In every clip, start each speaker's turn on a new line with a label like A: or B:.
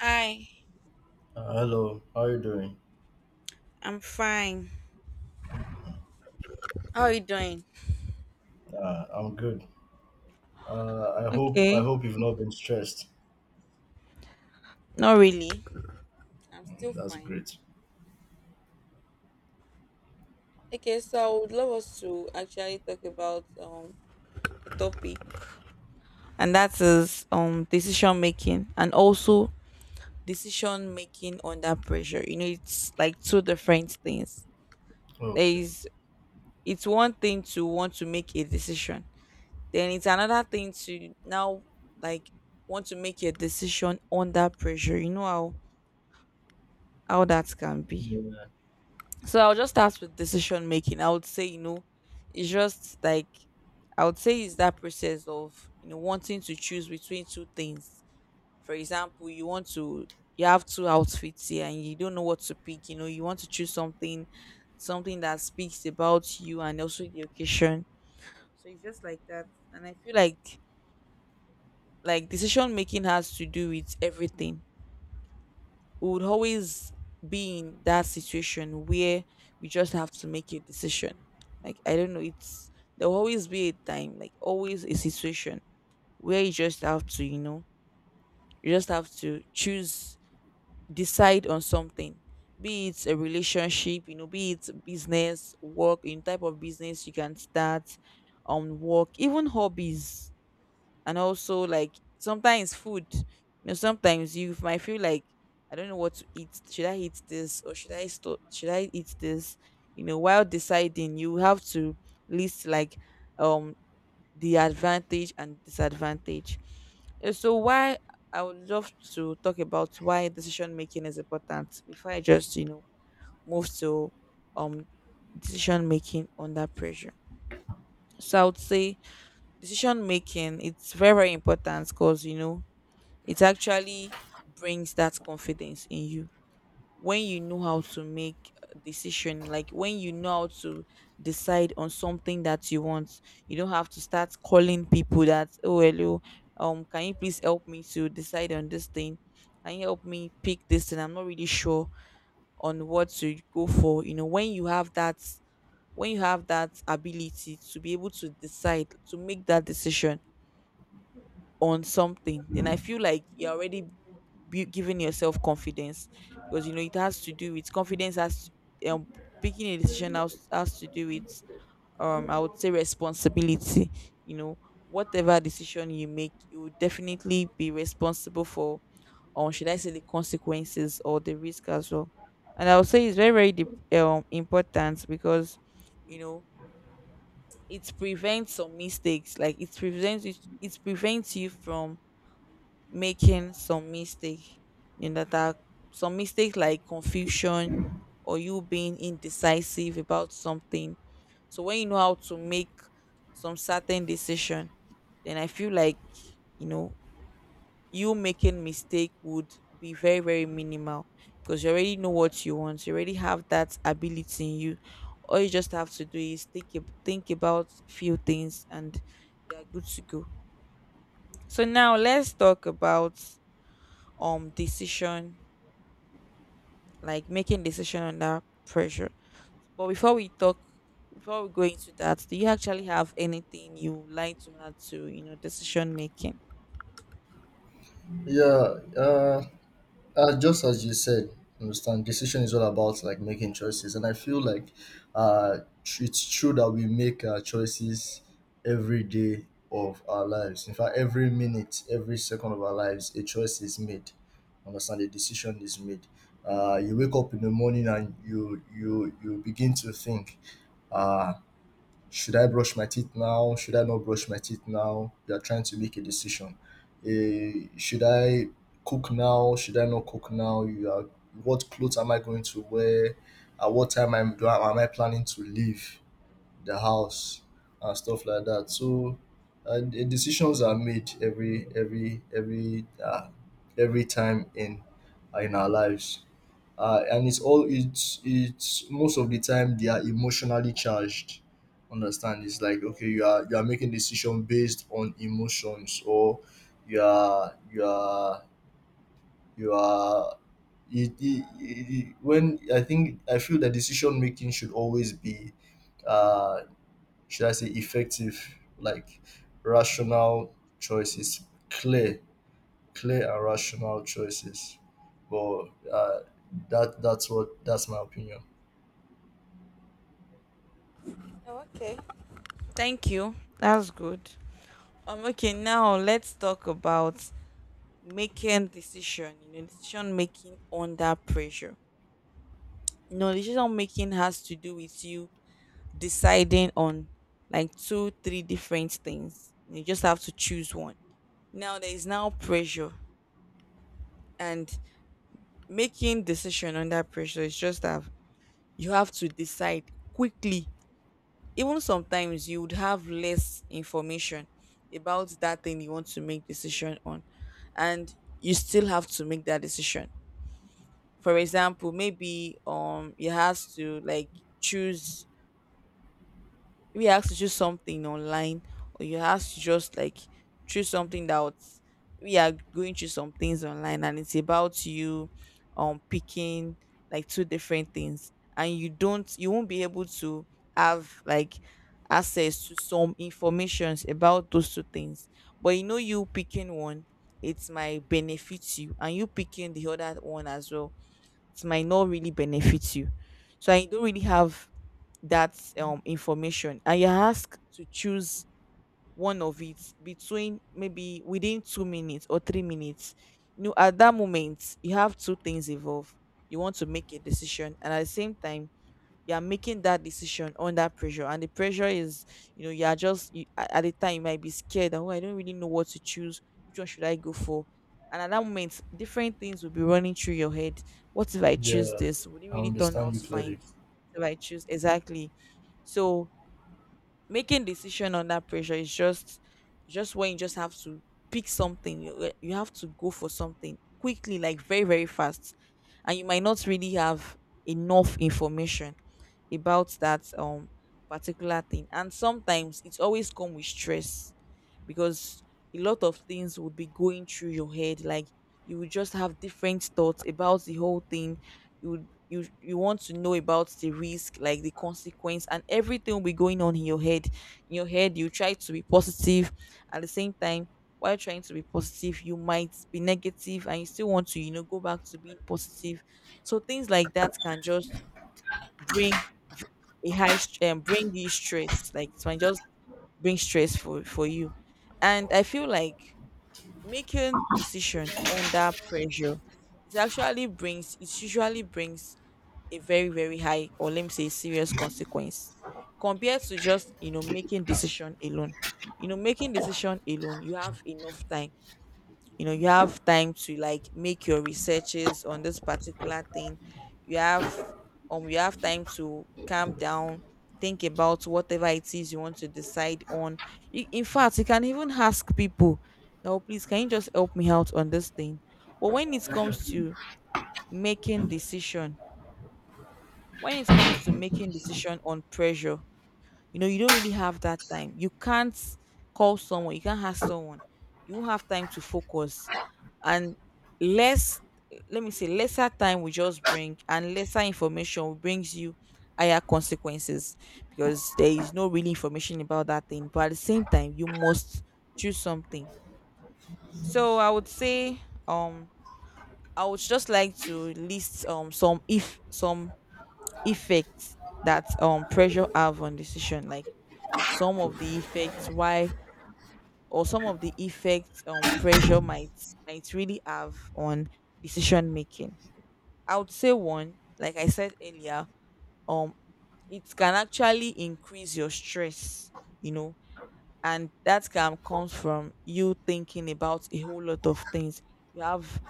A: Hi,
B: Hello, how are you doing?
A: I'm fine. How are you doing?
B: I'm good. I
A: Okay.
B: hope you've not been stressed.
A: Not really. I'm still
B: That's
A: fine.
B: great.
A: Okay, so I would love us to actually talk about a topic, and that is decision making and also decision making under pressure. You know, it's like two different things. There
B: Okay.
A: is it's one thing to want to make a decision, then it's another thing to now like want to make a decision under pressure. You know how that can be.
B: Yeah.
A: So I'll just start with decision making. I would say, you know, it's just like I would say it's that process of wanting to choose between two things. For example, you want to you have two outfits here and you don't know what to pick. You know, you want to choose something that speaks about you and also the occasion. So it's just like that. And I feel like decision making has to do with everything. We would always be in that situation where we just have to make a decision. Like I don't know, it's there'll always be a time, like always a situation where you just have to choose, decide on something. Be it a relationship, you know, be it business, work, in type of business you can start on work, even hobbies, and also like sometimes food. You know, sometimes you might feel like I don't know what to eat. Should I eat this or should I eat this? You know, while deciding you have to list like um the advantage and disadvantage. So why I would love to talk about why decision making is important before I just move to um decision making under pressure. So I would say decision making, it's very very important because you know it actually brings that confidence in you. When you know how to make a decision, like when you know how to decide on something that you want, you don't have to start calling people that, oh hello, can you please help me to decide on this thing, can you help me pick this thing, I'm not really sure on what to go for. You know, when you have that, when you have that ability to be able to decide to make that decision on something, then I feel like you're already giving yourself confidence. Because you know it has to do with confidence, has um picking a decision has to do with I would say responsibility. You know, whatever decision you make, you will definitely be responsible for, or should I say the consequences or the risk as well. And I would say it's very very important, because you know it prevents some mistakes, like it prevents you from making some mistake, you know, that are some mistakes like confusion or you being indecisive about something. So when you know how to make some certain decision, then I feel like, you know, you making mistake would be very very minimal, because you already know what you want, you already have that ability in you, all you just have to do is think about few things and you're good to go. So now let's talk about decision, like making decision under pressure. But before we talk, before we go into that, do you actually have anything you would like to add to, you know, decision making?
B: Yeah. Uh, just as you said, understand. Decision is all about like making choices, and I feel like it's true that we make choices every day of our lives. In fact, every minute, every second of our lives, a choice is made. Understand? A decision is made. You wake up in the morning and you begin to think uh, should I brush my teeth now? Should I not brush my teeth now? You are trying to make a decision. Should I cook now? Should I not cook now? You are, what clothes am I going to wear? At what time am I planning to leave the house and stuff like that? So, the decisions are made every time in our lives, and it's all it's most of the time they are emotionally charged, understand? It's like okay, you are making decision based on emotions, or you are you are you are it, it, it, it- when I think, I feel that decision making should always be uh should I say effective, like rational choices, clear clear and rational choices. But uh that's my opinion.
A: Okay, thank you. That's good. Okay, now let's talk about making decision. You know, decision making under pressure. You know, decision making has to do with you deciding on like two, three different things. You just have to choose one. Now there is now pressure, and making decision under pressure is just that you have to decide quickly. Even sometimes you would have less information about that thing you want to make decision on, and you still have to make that decision. For example, maybe you have to like choose, maybe you ask to choose something online, or you ask to just like choose something, that we are going through some things online, and it's about you picking like two different things, and you won't be able to have like access to some informations about those two things. But you know, you picking one, it might benefit you, and you picking the other one as well, it might not really benefit you. So I don't really have that information, and you're asked to choose one of it between maybe within 2 minutes or 3 minutes. You know, at that moment you have two things involved. You want to make a decision, and at the same time you are making that decision under pressure, and the pressure is, you know, you are just at the time you might be scared, oh, I don't really know what to choose, which one should I go for? And at that moment different things will be running through your head. What if I choose
B: Yeah,
A: this, would it
B: I
A: really turn
B: understand
A: out
B: you
A: fine?
B: clearly.
A: What if I choose exactly? So making decision under pressure is just, when you just have to pick something, you have to go for something quickly, like very very fast. And you might not really have enough information about that particular thing. And sometimes it's always come with stress, because a lot of things would be going through your head, like you would just have different thoughts about the whole thing you you want to know about the risk, like the consequence, and everything will be going on in your head. In your head, you try to be positive. At the same time, while trying to be positive, you might be negative, and you still want to, you know, go back to being positive. So things like that can just bring bring you stress, like it might just bring stress for you. And I feel like making decision under pressure, it usually brings a very very high, or let me say, serious consequence, compared to just, you know, making decision alone. You know, making decision alone, you have enough time. You know, you have time to like make your researches on this particular thing. You have, you have time to calm down, think about whatever it is you want to decide on. In fact, you can even ask people, now, please can you just help me out on this thing. But making decision when it comes to making decision on pressure, you know, you don't really have that time. You can't call someone, you can't ask someone, you won't have time to focus. And less let me say, lesser time will just bring, and lesser information will brings you higher consequences, because there is no really information about that thing, but at the same time you must choose something. So I would say, um I would just like to list some if some effects that pressure have on decision, like some of the effects why, or some of the effects, pressure might really have on decision making. I would say, one, like I said earlier, um it can actually increase your stress. You know, and that calm comes from you thinking about a whole lot of things. You have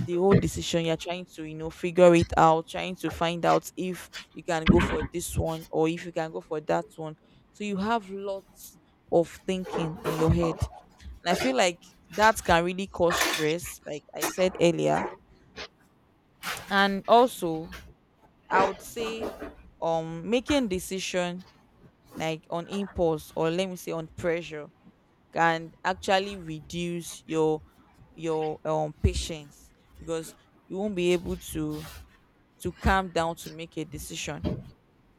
A: the whole decision, you're trying to, you know, figure it out, trying to find out if you can go for this one or if you can go for that one. So you have lots of thinking in your head. And I feel like that can really cause stress, like I said earlier. And also, I would say, making decision like on impulse, or let me say on pressure, can actually reduce your patience. Because you won't be able to calm down to make a decision.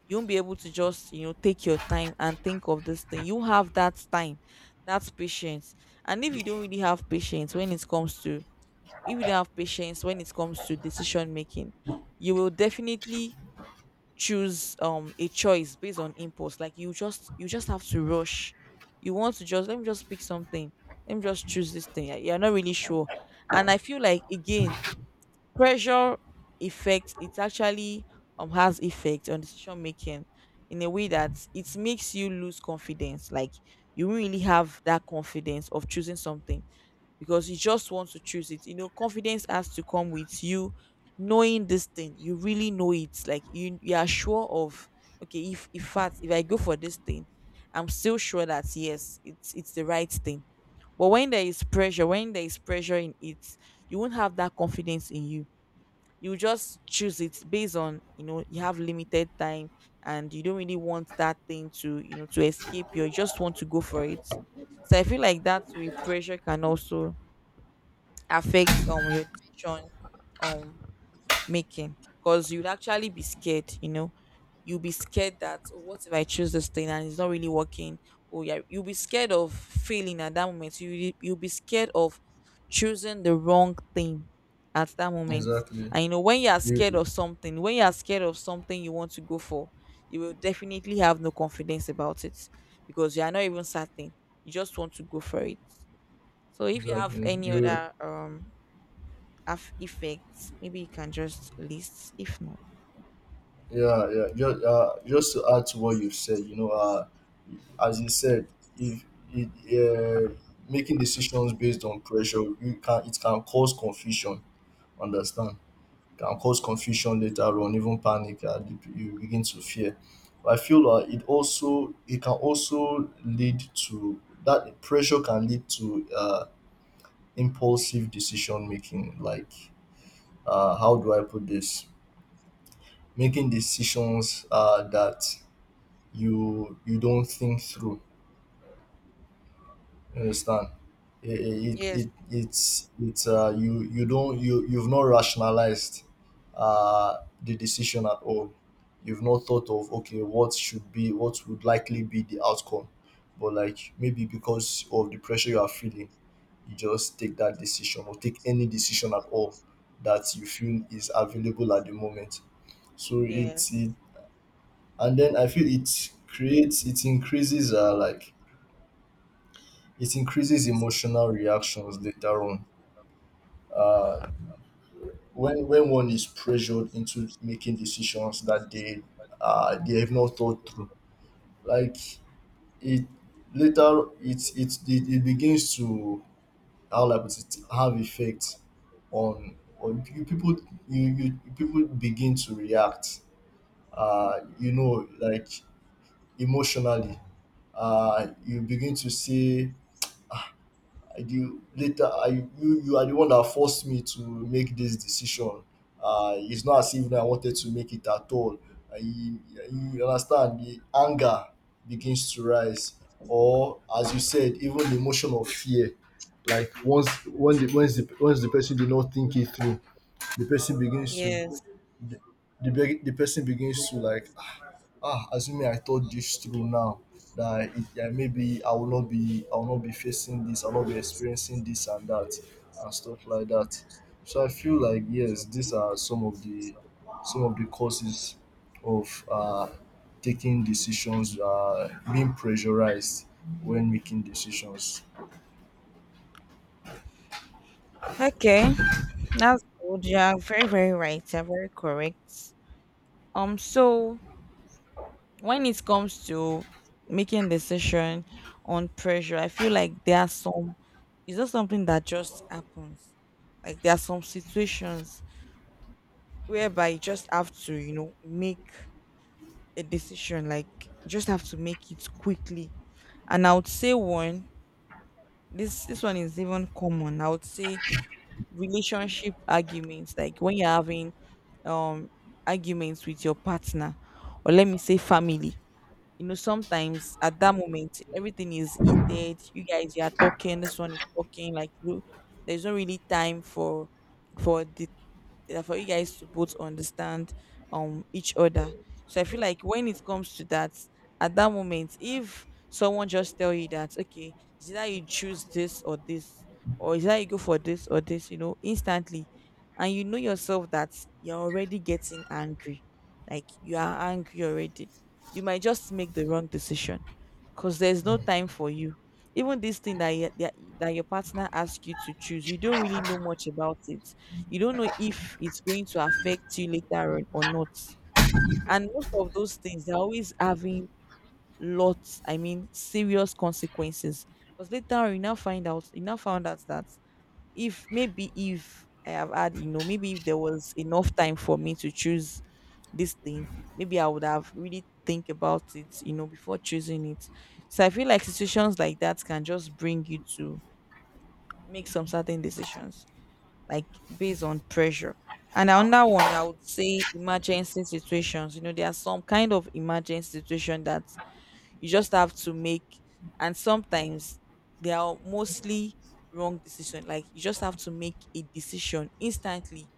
A: You won't be able to just, you know, take your time and think of this thing, you have that time, that's patience. And if you don't really have patience, when it comes to if you don't have patience when it comes to decision making, you will definitely choose a choice based on impulse, like you just have to rush. You want to just, let me just pick something, let me just choose this thing. Yeah, you're not really sure. And I feel like again, pressure effect, it actually has effect on decision making, in a way that it makes you lose confidence, like you won't really have that confidence of choosing something, because you just want to choose it. You know, confidence has to come with you knowing this thing. You really know it. Like you are sure of okay, if fact if I go for this thing, I'm still sure that yes, it's the right thing. But when there is pressure, when there is pressure in it, you won't have that confidence in you. You just choose it based on, you know, you have limited time and you don't really want that thing to, you know, to escape you. You just want to go for it. So I feel like that way pressure can also affect your decision um making because you'd actually be scared, you know, you'll be scared that oh, what if I choose this thing and it's not really working. Oh yeah, you'll be scared of failing at that moment. You'll be scared of choosing the wrong thing at that moment.
B: Exactly.
A: And you know, when you are scared
B: You
A: of something, when you are scared of something you want to go for, you will definitely have no confidence about it because you are not even certain, you just want to go for it. So if you have
B: exactly.
A: any
B: You
A: other effects. Maybe you can just list, if not.
B: yeah, yeah. Just to add to what you said, you know, as you said, if it, making decisions based on pressure, you can it can cause confusion. Understand? Can cause confusion later on, even panic. You you begin to fear. But I feel it can also lead to that pressure can lead to impulsive decision making, like how do I put this, making decisions that you don't think through, you understand? it, it,
A: Yes,
B: it it's You you've not rationalized the decision at all. You've not thought of okay, what should be, what would likely be the outcome. But like maybe because of the pressure you are feeling, just take that decision or take any decision at all that you feel is available at the moment. So
A: yes,
B: and then I feel it increases it increases emotional reactions later on. Uh, when one is pressured into making decisions that they have not thought through, like it later it begins to how like it have effect on you people, you people begin to react, you know, like emotionally. You begin to see, you later I, you are the one that forced me to make this decision. It's not as if I wanted to make it at all. uh, you, you understand, the anger begins to rise, or as you said, even the emotion of fear. Like once when the once the, once the person did not think it through, the person begins to
A: yes.
B: the, the person begins to like, ah, assuming I thought this through now, that yeah, maybe I will not be facing this, I will not be experiencing this and that and stuff like that. So I feel like yes, these are some of the causes of taking decisions, being pressurized when making decisions.
A: Okay, that's good. You are very, very right. You're very correct. So when it comes to making decision on pressure, I feel like there are some. It's not something that just happens. Like there are some situations whereby you just have to, you know, make a decision. Like you just have to make it quickly. And I would say one. This one is even common. I would say relationship arguments, like when you're having um arguments with your partner, or let me say family. You know, sometimes at that moment everything is heated. You are talking, this one is talking, like you there's not really time for the for you guys to both understand each other. So I feel like when it comes to that, at that moment, if someone just tell you that, okay, is that you choose this or this, or is that you go for this or this, you know, instantly, and you know yourself that you're already getting angry, like you are angry already, you might just make the wrong decision, cause there's no time for you. Even this thing that, you, that that your partner asks you to choose, you don't really know much about it. You don't know if it's going to affect you later on or not. And most of those things, they're always having lots, I mean, serious consequences. Because later on, you now find out, you now found out that if maybe if I have had, you know, maybe if there was enough time for me to choose this thing, maybe I would have really think about it, you know, before choosing it. So I feel like situations like that can just bring you to make some certain decisions like based on pressure. And another one, I would say emergency situations. You know, there are some kind of emergency situation that you just have to make, and sometimes they are mostly wrong decision. Like you just have to make a decision instantly.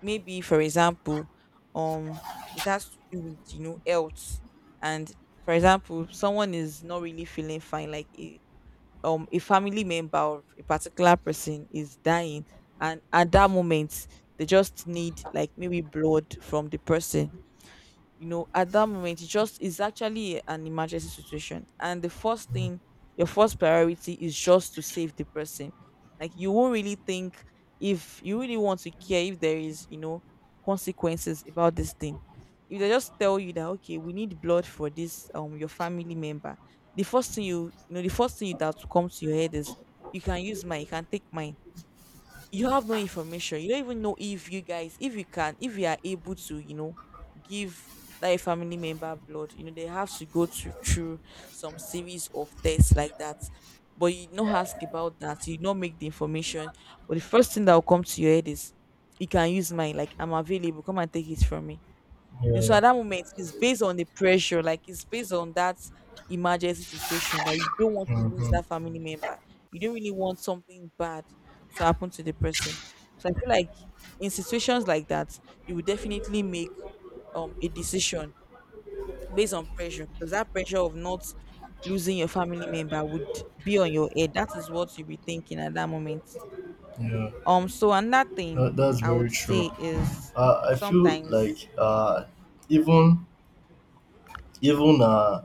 A: Maybe, for example, um, it has to do with you know health, and for example, someone is not really feeling fine, like a family member or a particular person is dying and at that moment they just need like maybe blood from the person. You know, at that moment it just is actually an emergency situation and the first thing, your first priority is just to save the person. Like you won't really think if you really want to care if there is, you know, consequences about this thing. If they just tell you that okay, we need blood for this your family member, the first thing you you know the first thing that will come to your head is you can use mine, you can take mine. You have no information. You don't even know if you guys, if you can, if you are able to, you know, give that a family member blood. You know, they have to go to, through some series of tests like that. But you not ask about that. You not make the information. But the first thing that will come to your head is, you can use mine. Like I'm available. Come and take it from me. And so at
B: Yeah.
A: that moment, it's based on the pressure, like it's based on that emergency situation that you don't want to lose
B: Hmm.
A: that family member. You don't really want something bad to happen to the person. So I feel like in situations like that, you will definitely make a decision based on pressure, because that pressure of not losing your family member would be on your head. That is what you'll be thinking at that moment.
B: Yeah,
A: So another thing
B: that, that's
A: I would
B: very true.
A: say is
B: I feel
A: sometimes
B: like even even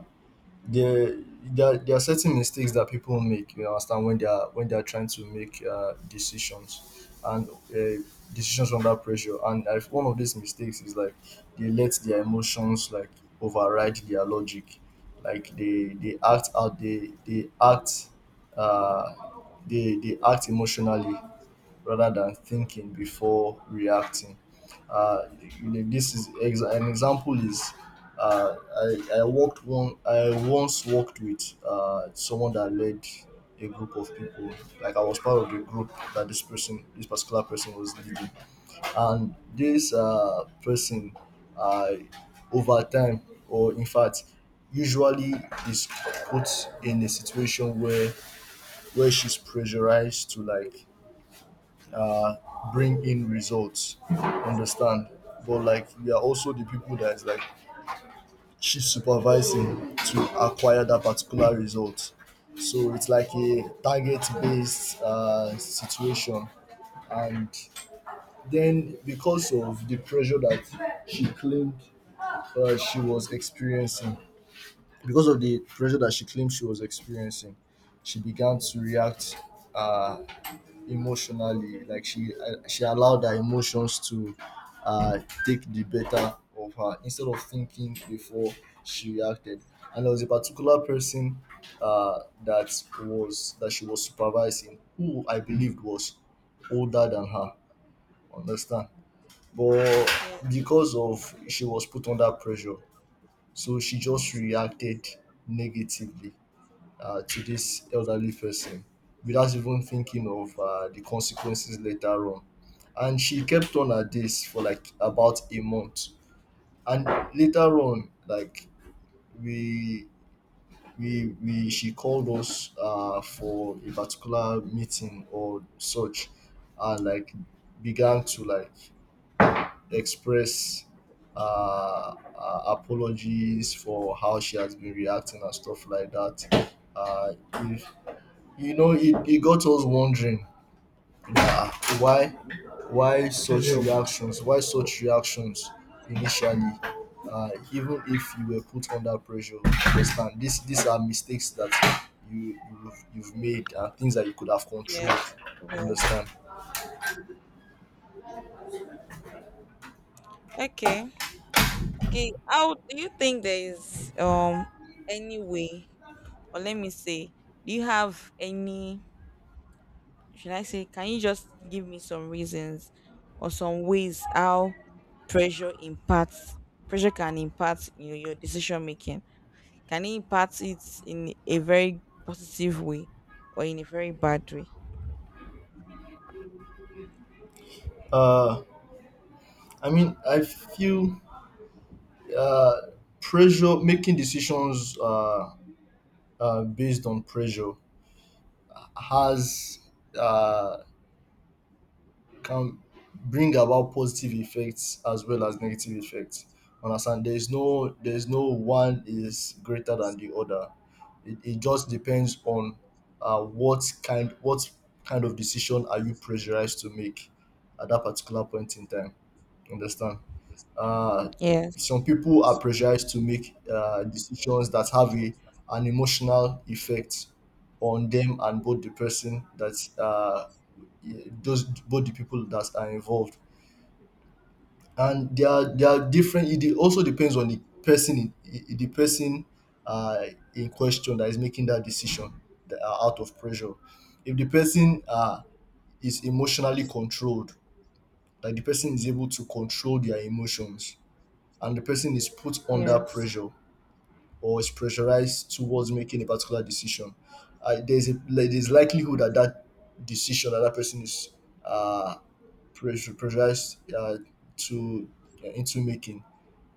B: there there there are certain mistakes that people make, you understand, when they are trying to make decisions, and decisions under pressure. And I, one of these mistakes is like they let their emotions like override their logic. Like they act out uh they act emotionally rather than thinking before reacting. Uh, you know, this is an example is, uh, I worked one I once worked with someone that led a group of people. Like I was part of the group that this particular person was leading, and this person, uh, over time, or in fact, usually is put in a situation where she's pressurized to like bring in results. Understand? But like we are also the people that is like chief supervising to acquire that particular result. So it's like a target based situation. And then because of the pressure that she claimed she was experiencing, because of the pressure that she claimed she was experiencing, she began to react uh, emotionally. Like she allowed her emotions to uh take the better of her instead of thinking before she reacted. And there was a particular person that was that she was supervising, who I believed was older than her, understand? But
A: yes,
B: because of she was put under pressure, so she just reacted negatively to this elderly person without even thinking of the consequences later on. And she kept on at this for like about a month. And later on, like we we she called us for a particular meeting or such, and like began to like express apologies for how she has been reacting and stuff like that. Uh, if, you know, it got us wondering that, ah, why, why such reactions initially, even if you were put under pressure. You understand? This these are mistakes that you you've made, and things that you could have
A: yes,
B: controlled.
A: yes.
B: Understand?
A: Okay. Okay. How do you think there is any way, or let me say, do you have any? Should I say? Can you just give me some reasons or some ways how pressure impacts pressure can impact, you know, your decision making? Can it impact it in a very positive way or in a very bad way?
B: Uh, I mean, I feel uh, pressure making decisions based on pressure has. Uh, can bring about positive effects as well as negative effects. Understand? There is no one is greater than the other. It just depends on what kind of decision are you pressurized to make at that particular point in time. Understand? Uh,
A: Yes.
B: some people are pressurized to make decisions that have an emotional effect on them, and both the person that those both the people that are involved. And they are different. Also depends on the the person uh, in question that is making that decision, that are out of pressure. If the person is emotionally controlled, like the person is able to control their emotions, and the person is put under
A: Yes.
B: pressure or is pressurized towards making a particular decision, there's there's likelihood that that decision that that person is uh, pressure pressurized to into making,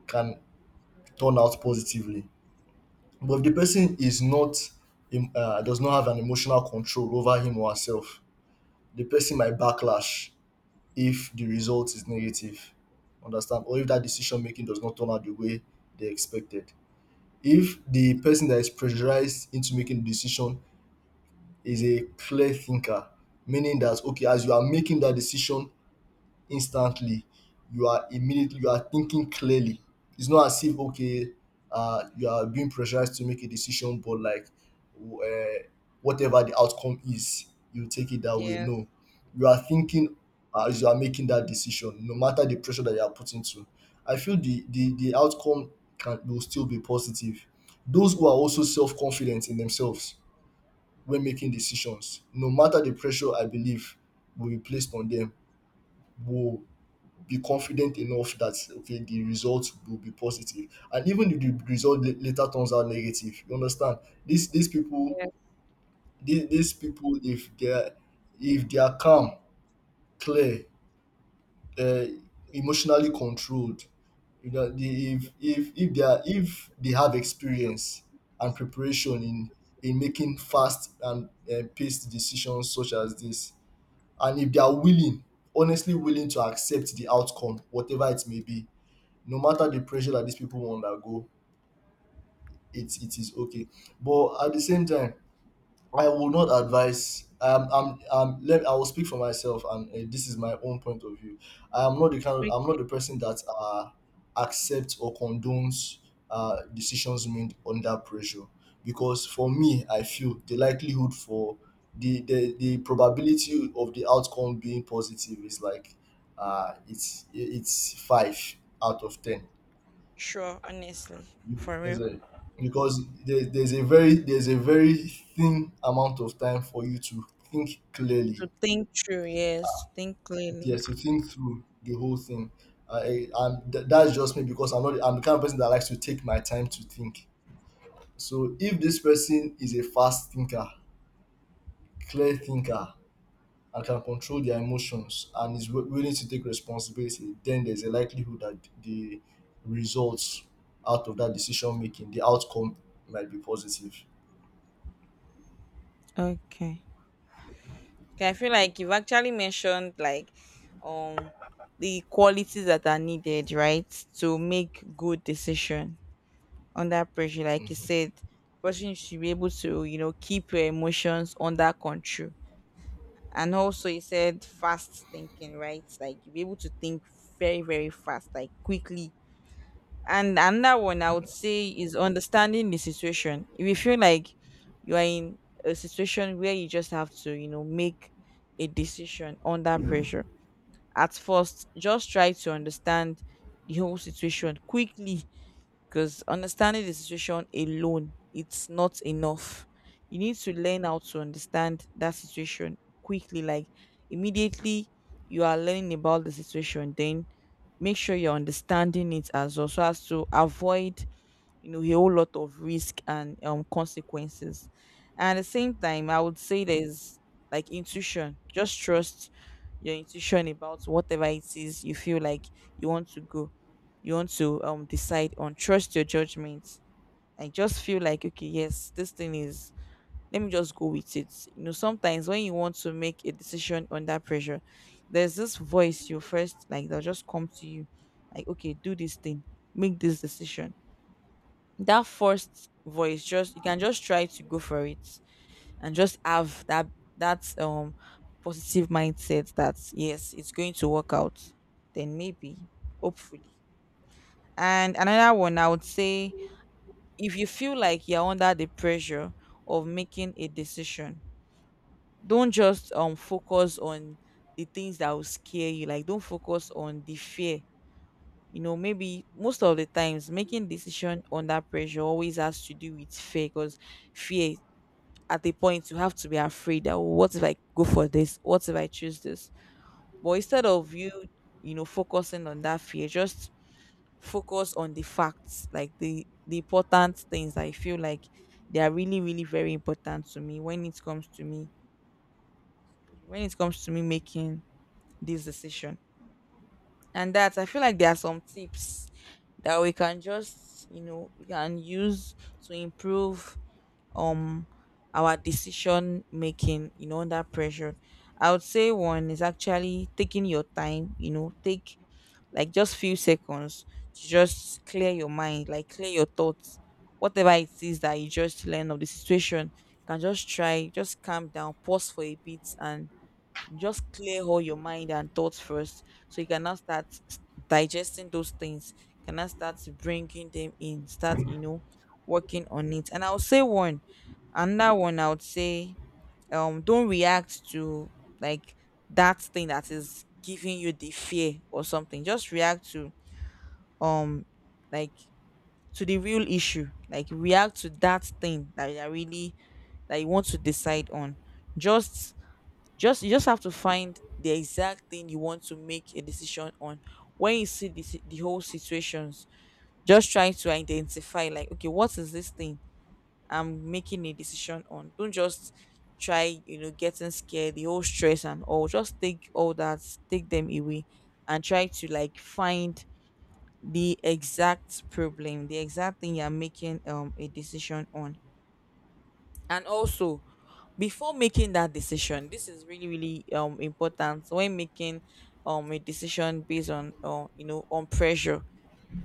B: can turn out positively. But if the person is not does not have an emotional control over him or herself, the person might backlash if the result is negative. Understand? Or if that decision making does not turn out the way they expected. If the person that is pressurized into making the decision is a clear thinker, meaning that okay, as you are making that decision, instantly, you are immediately you are thinking clearly, it's not as if okay, you are being pressurized to make a decision, but like w- uh, whatever the outcome is, you take it that way,
A: Yes.
B: no, you are thinking as you are making that decision, no matter the pressure that you are put into. I feel the outcome can will still be positive. Those who are also self-confident in themselves when making decisions, no matter the pressure I believe will be placed on them, will be confident enough that okay, the result will be positive. And even if the result later turns out negative, you understand, these people,
A: Yes.
B: these people, if they're if they are calm, clear, uh, emotionally controlled, you know, if if they are, if they have experience and preparation in making fast and paced decisions such as this, and if they are willing, honestly willing to accept the outcome whatever it may be, no matter the pressure that these people will undergo, it is okay. But at the same time, I will not advise. I will speak for myself, and this is my own point of view. I am not the kind. Of, I'm not
A: Okay.
B: the person that accepts or condones decisions made under pressure, because for me, I feel the likelihood for the probability of the outcome being positive is like, it's five out of ten.
A: Sure. Honestly, for
B: There's
A: real.
B: a, there's a very, there's a very thin amount of time for you to think clearly.
A: To think through. Yes. To think clearly.
B: Yes, to think through the whole thing. That's just me, because I'm not I'm the kind of person that likes to take my time to think. So if this person is a fast thinker, clear thinker, and can control their emotions and is willing to take responsibility, then there's a likelihood that the results out of that decision making, the outcome might be positive.
A: Okay. Okay, I feel like you've actually mentioned like um the qualities that are needed, right? To make good decision under pressure. Like you said, person should be able to, you know, keep your emotions under control. And also you said fast thinking, right? Like you be able to think very, very fast, like quickly. And another one I would say is understanding the situation. If you feel like you are in a situation where you just have to, you know, make a decision under pressure, at first, just try to understand the whole situation quickly, because understanding the situation alone it's not enough. You need to learn how to understand that situation quickly, like immediately you are learning about the situation, then make sure you're understanding it as well, so as to avoid, you know, a whole lot of risk and consequences. And at the same time I would say there's like intuition. Just trust your intuition about whatever it is you feel like you want to go, you want to decide on. Trust your judgment and just feel like okay, yes, this thing is, let me just go with it. You know, sometimes when you want to make a decision under pressure, there's this voice you first like that will just come to you, like okay, do this thing, make this decision. That first voice just, you can just try to go for it. And just have that that um positive mindset that yes, it's going to work out, then maybe, hopefully. And another one I would say, if you feel like you're under the pressure of making a decision, don't just focus on the things that will scare you, like don't focus on the fear. You know, maybe most of the times making decision under pressure always has to do with fear, because fear, at a point you have to be afraid that, "Oh, what if I go for this, what if I choose this?" But instead of you, you know, focusing on that fear, just focus on the facts, like the important things that I feel like they are really, really very important to me when it comes to me, when it comes to me making this decision. And that I feel like there are some tips that we can just, you know, we can use to improve um our decision making, you know, under pressure. I would say one is actually taking your time. You know, take like just few seconds to just clear your mind, like clear your thoughts. Whatever it is that you just learn of the situation, you can just try, just calm down, pause for a bit and just clear all your mind and thoughts first, so you can now start digesting those things. You can now start bringing them in. Start, you know, working on it. And I'll say one, another one. I would say, don't react to like that thing that is giving you the fear or something. Just react to um, like to the real issue. Like react to that thing that you are really, that you want to decide on. just just you just have to find the exact thing you want to make a decision on. When you see the the whole situations, just try to identify like, okay, what is this thing I'm making a decision on? Don't just try, you know, getting scared, the whole stress and all. Just take all that, take them away, and try to like find the exact problem, the exact thing you're making a decision on. And also before making that decision, this is really, really important. So when making a decision based on you know, on pressure,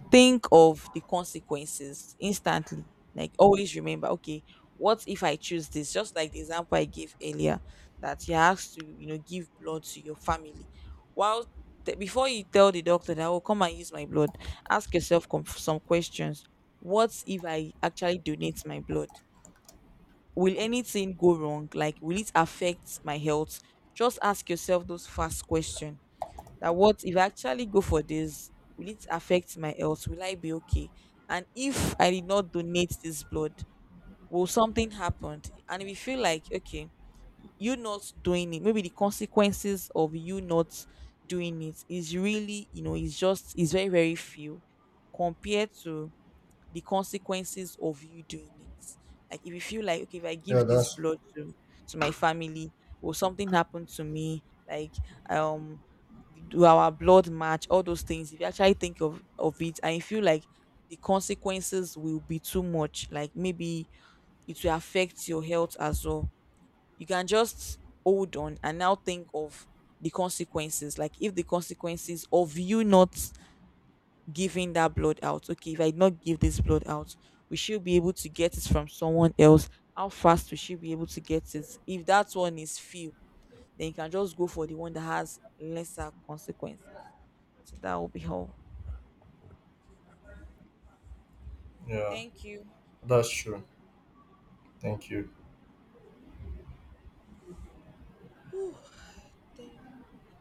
A: think of the consequences instantly, like always remember okay, what if I choose this, just like the example I gave earlier, that you have to, you know, give blood to your family. While before you tell the doctor that oh, come and use my blood, ask yourself some questions. What if I actually donate my blood? Will anything go wrong? Like, will it affect my health? Just ask yourself those fast questions. That what if I actually go for this? Will it affect my health? Will I be okay? And if I did not donate this blood, will something happen? And if you feel like, okay, you not doing it, maybe the consequences of you not doing it is really, you know, it's just, it's very, very few compared to the consequences of you doing it. Like if you feel like okay, if I
B: Yeah,
A: give this
B: that's
A: blood to my family, or something happened to me, like um do our blood match, all those things. If you actually think of it and you feel like the consequences will be too much, like maybe it will affect your health as well. You can just hold on and now think of the consequences. Like if the consequences of you not giving that blood out. Okay, if I did not give this blood out, we should be able to get it from someone else. How fast we should be able to get it? If that one is few, then you can just go for the one that has lesser consequences. So that will be all.
B: Yeah,
A: Thank you.
B: that's true. Thank you.
A: Thank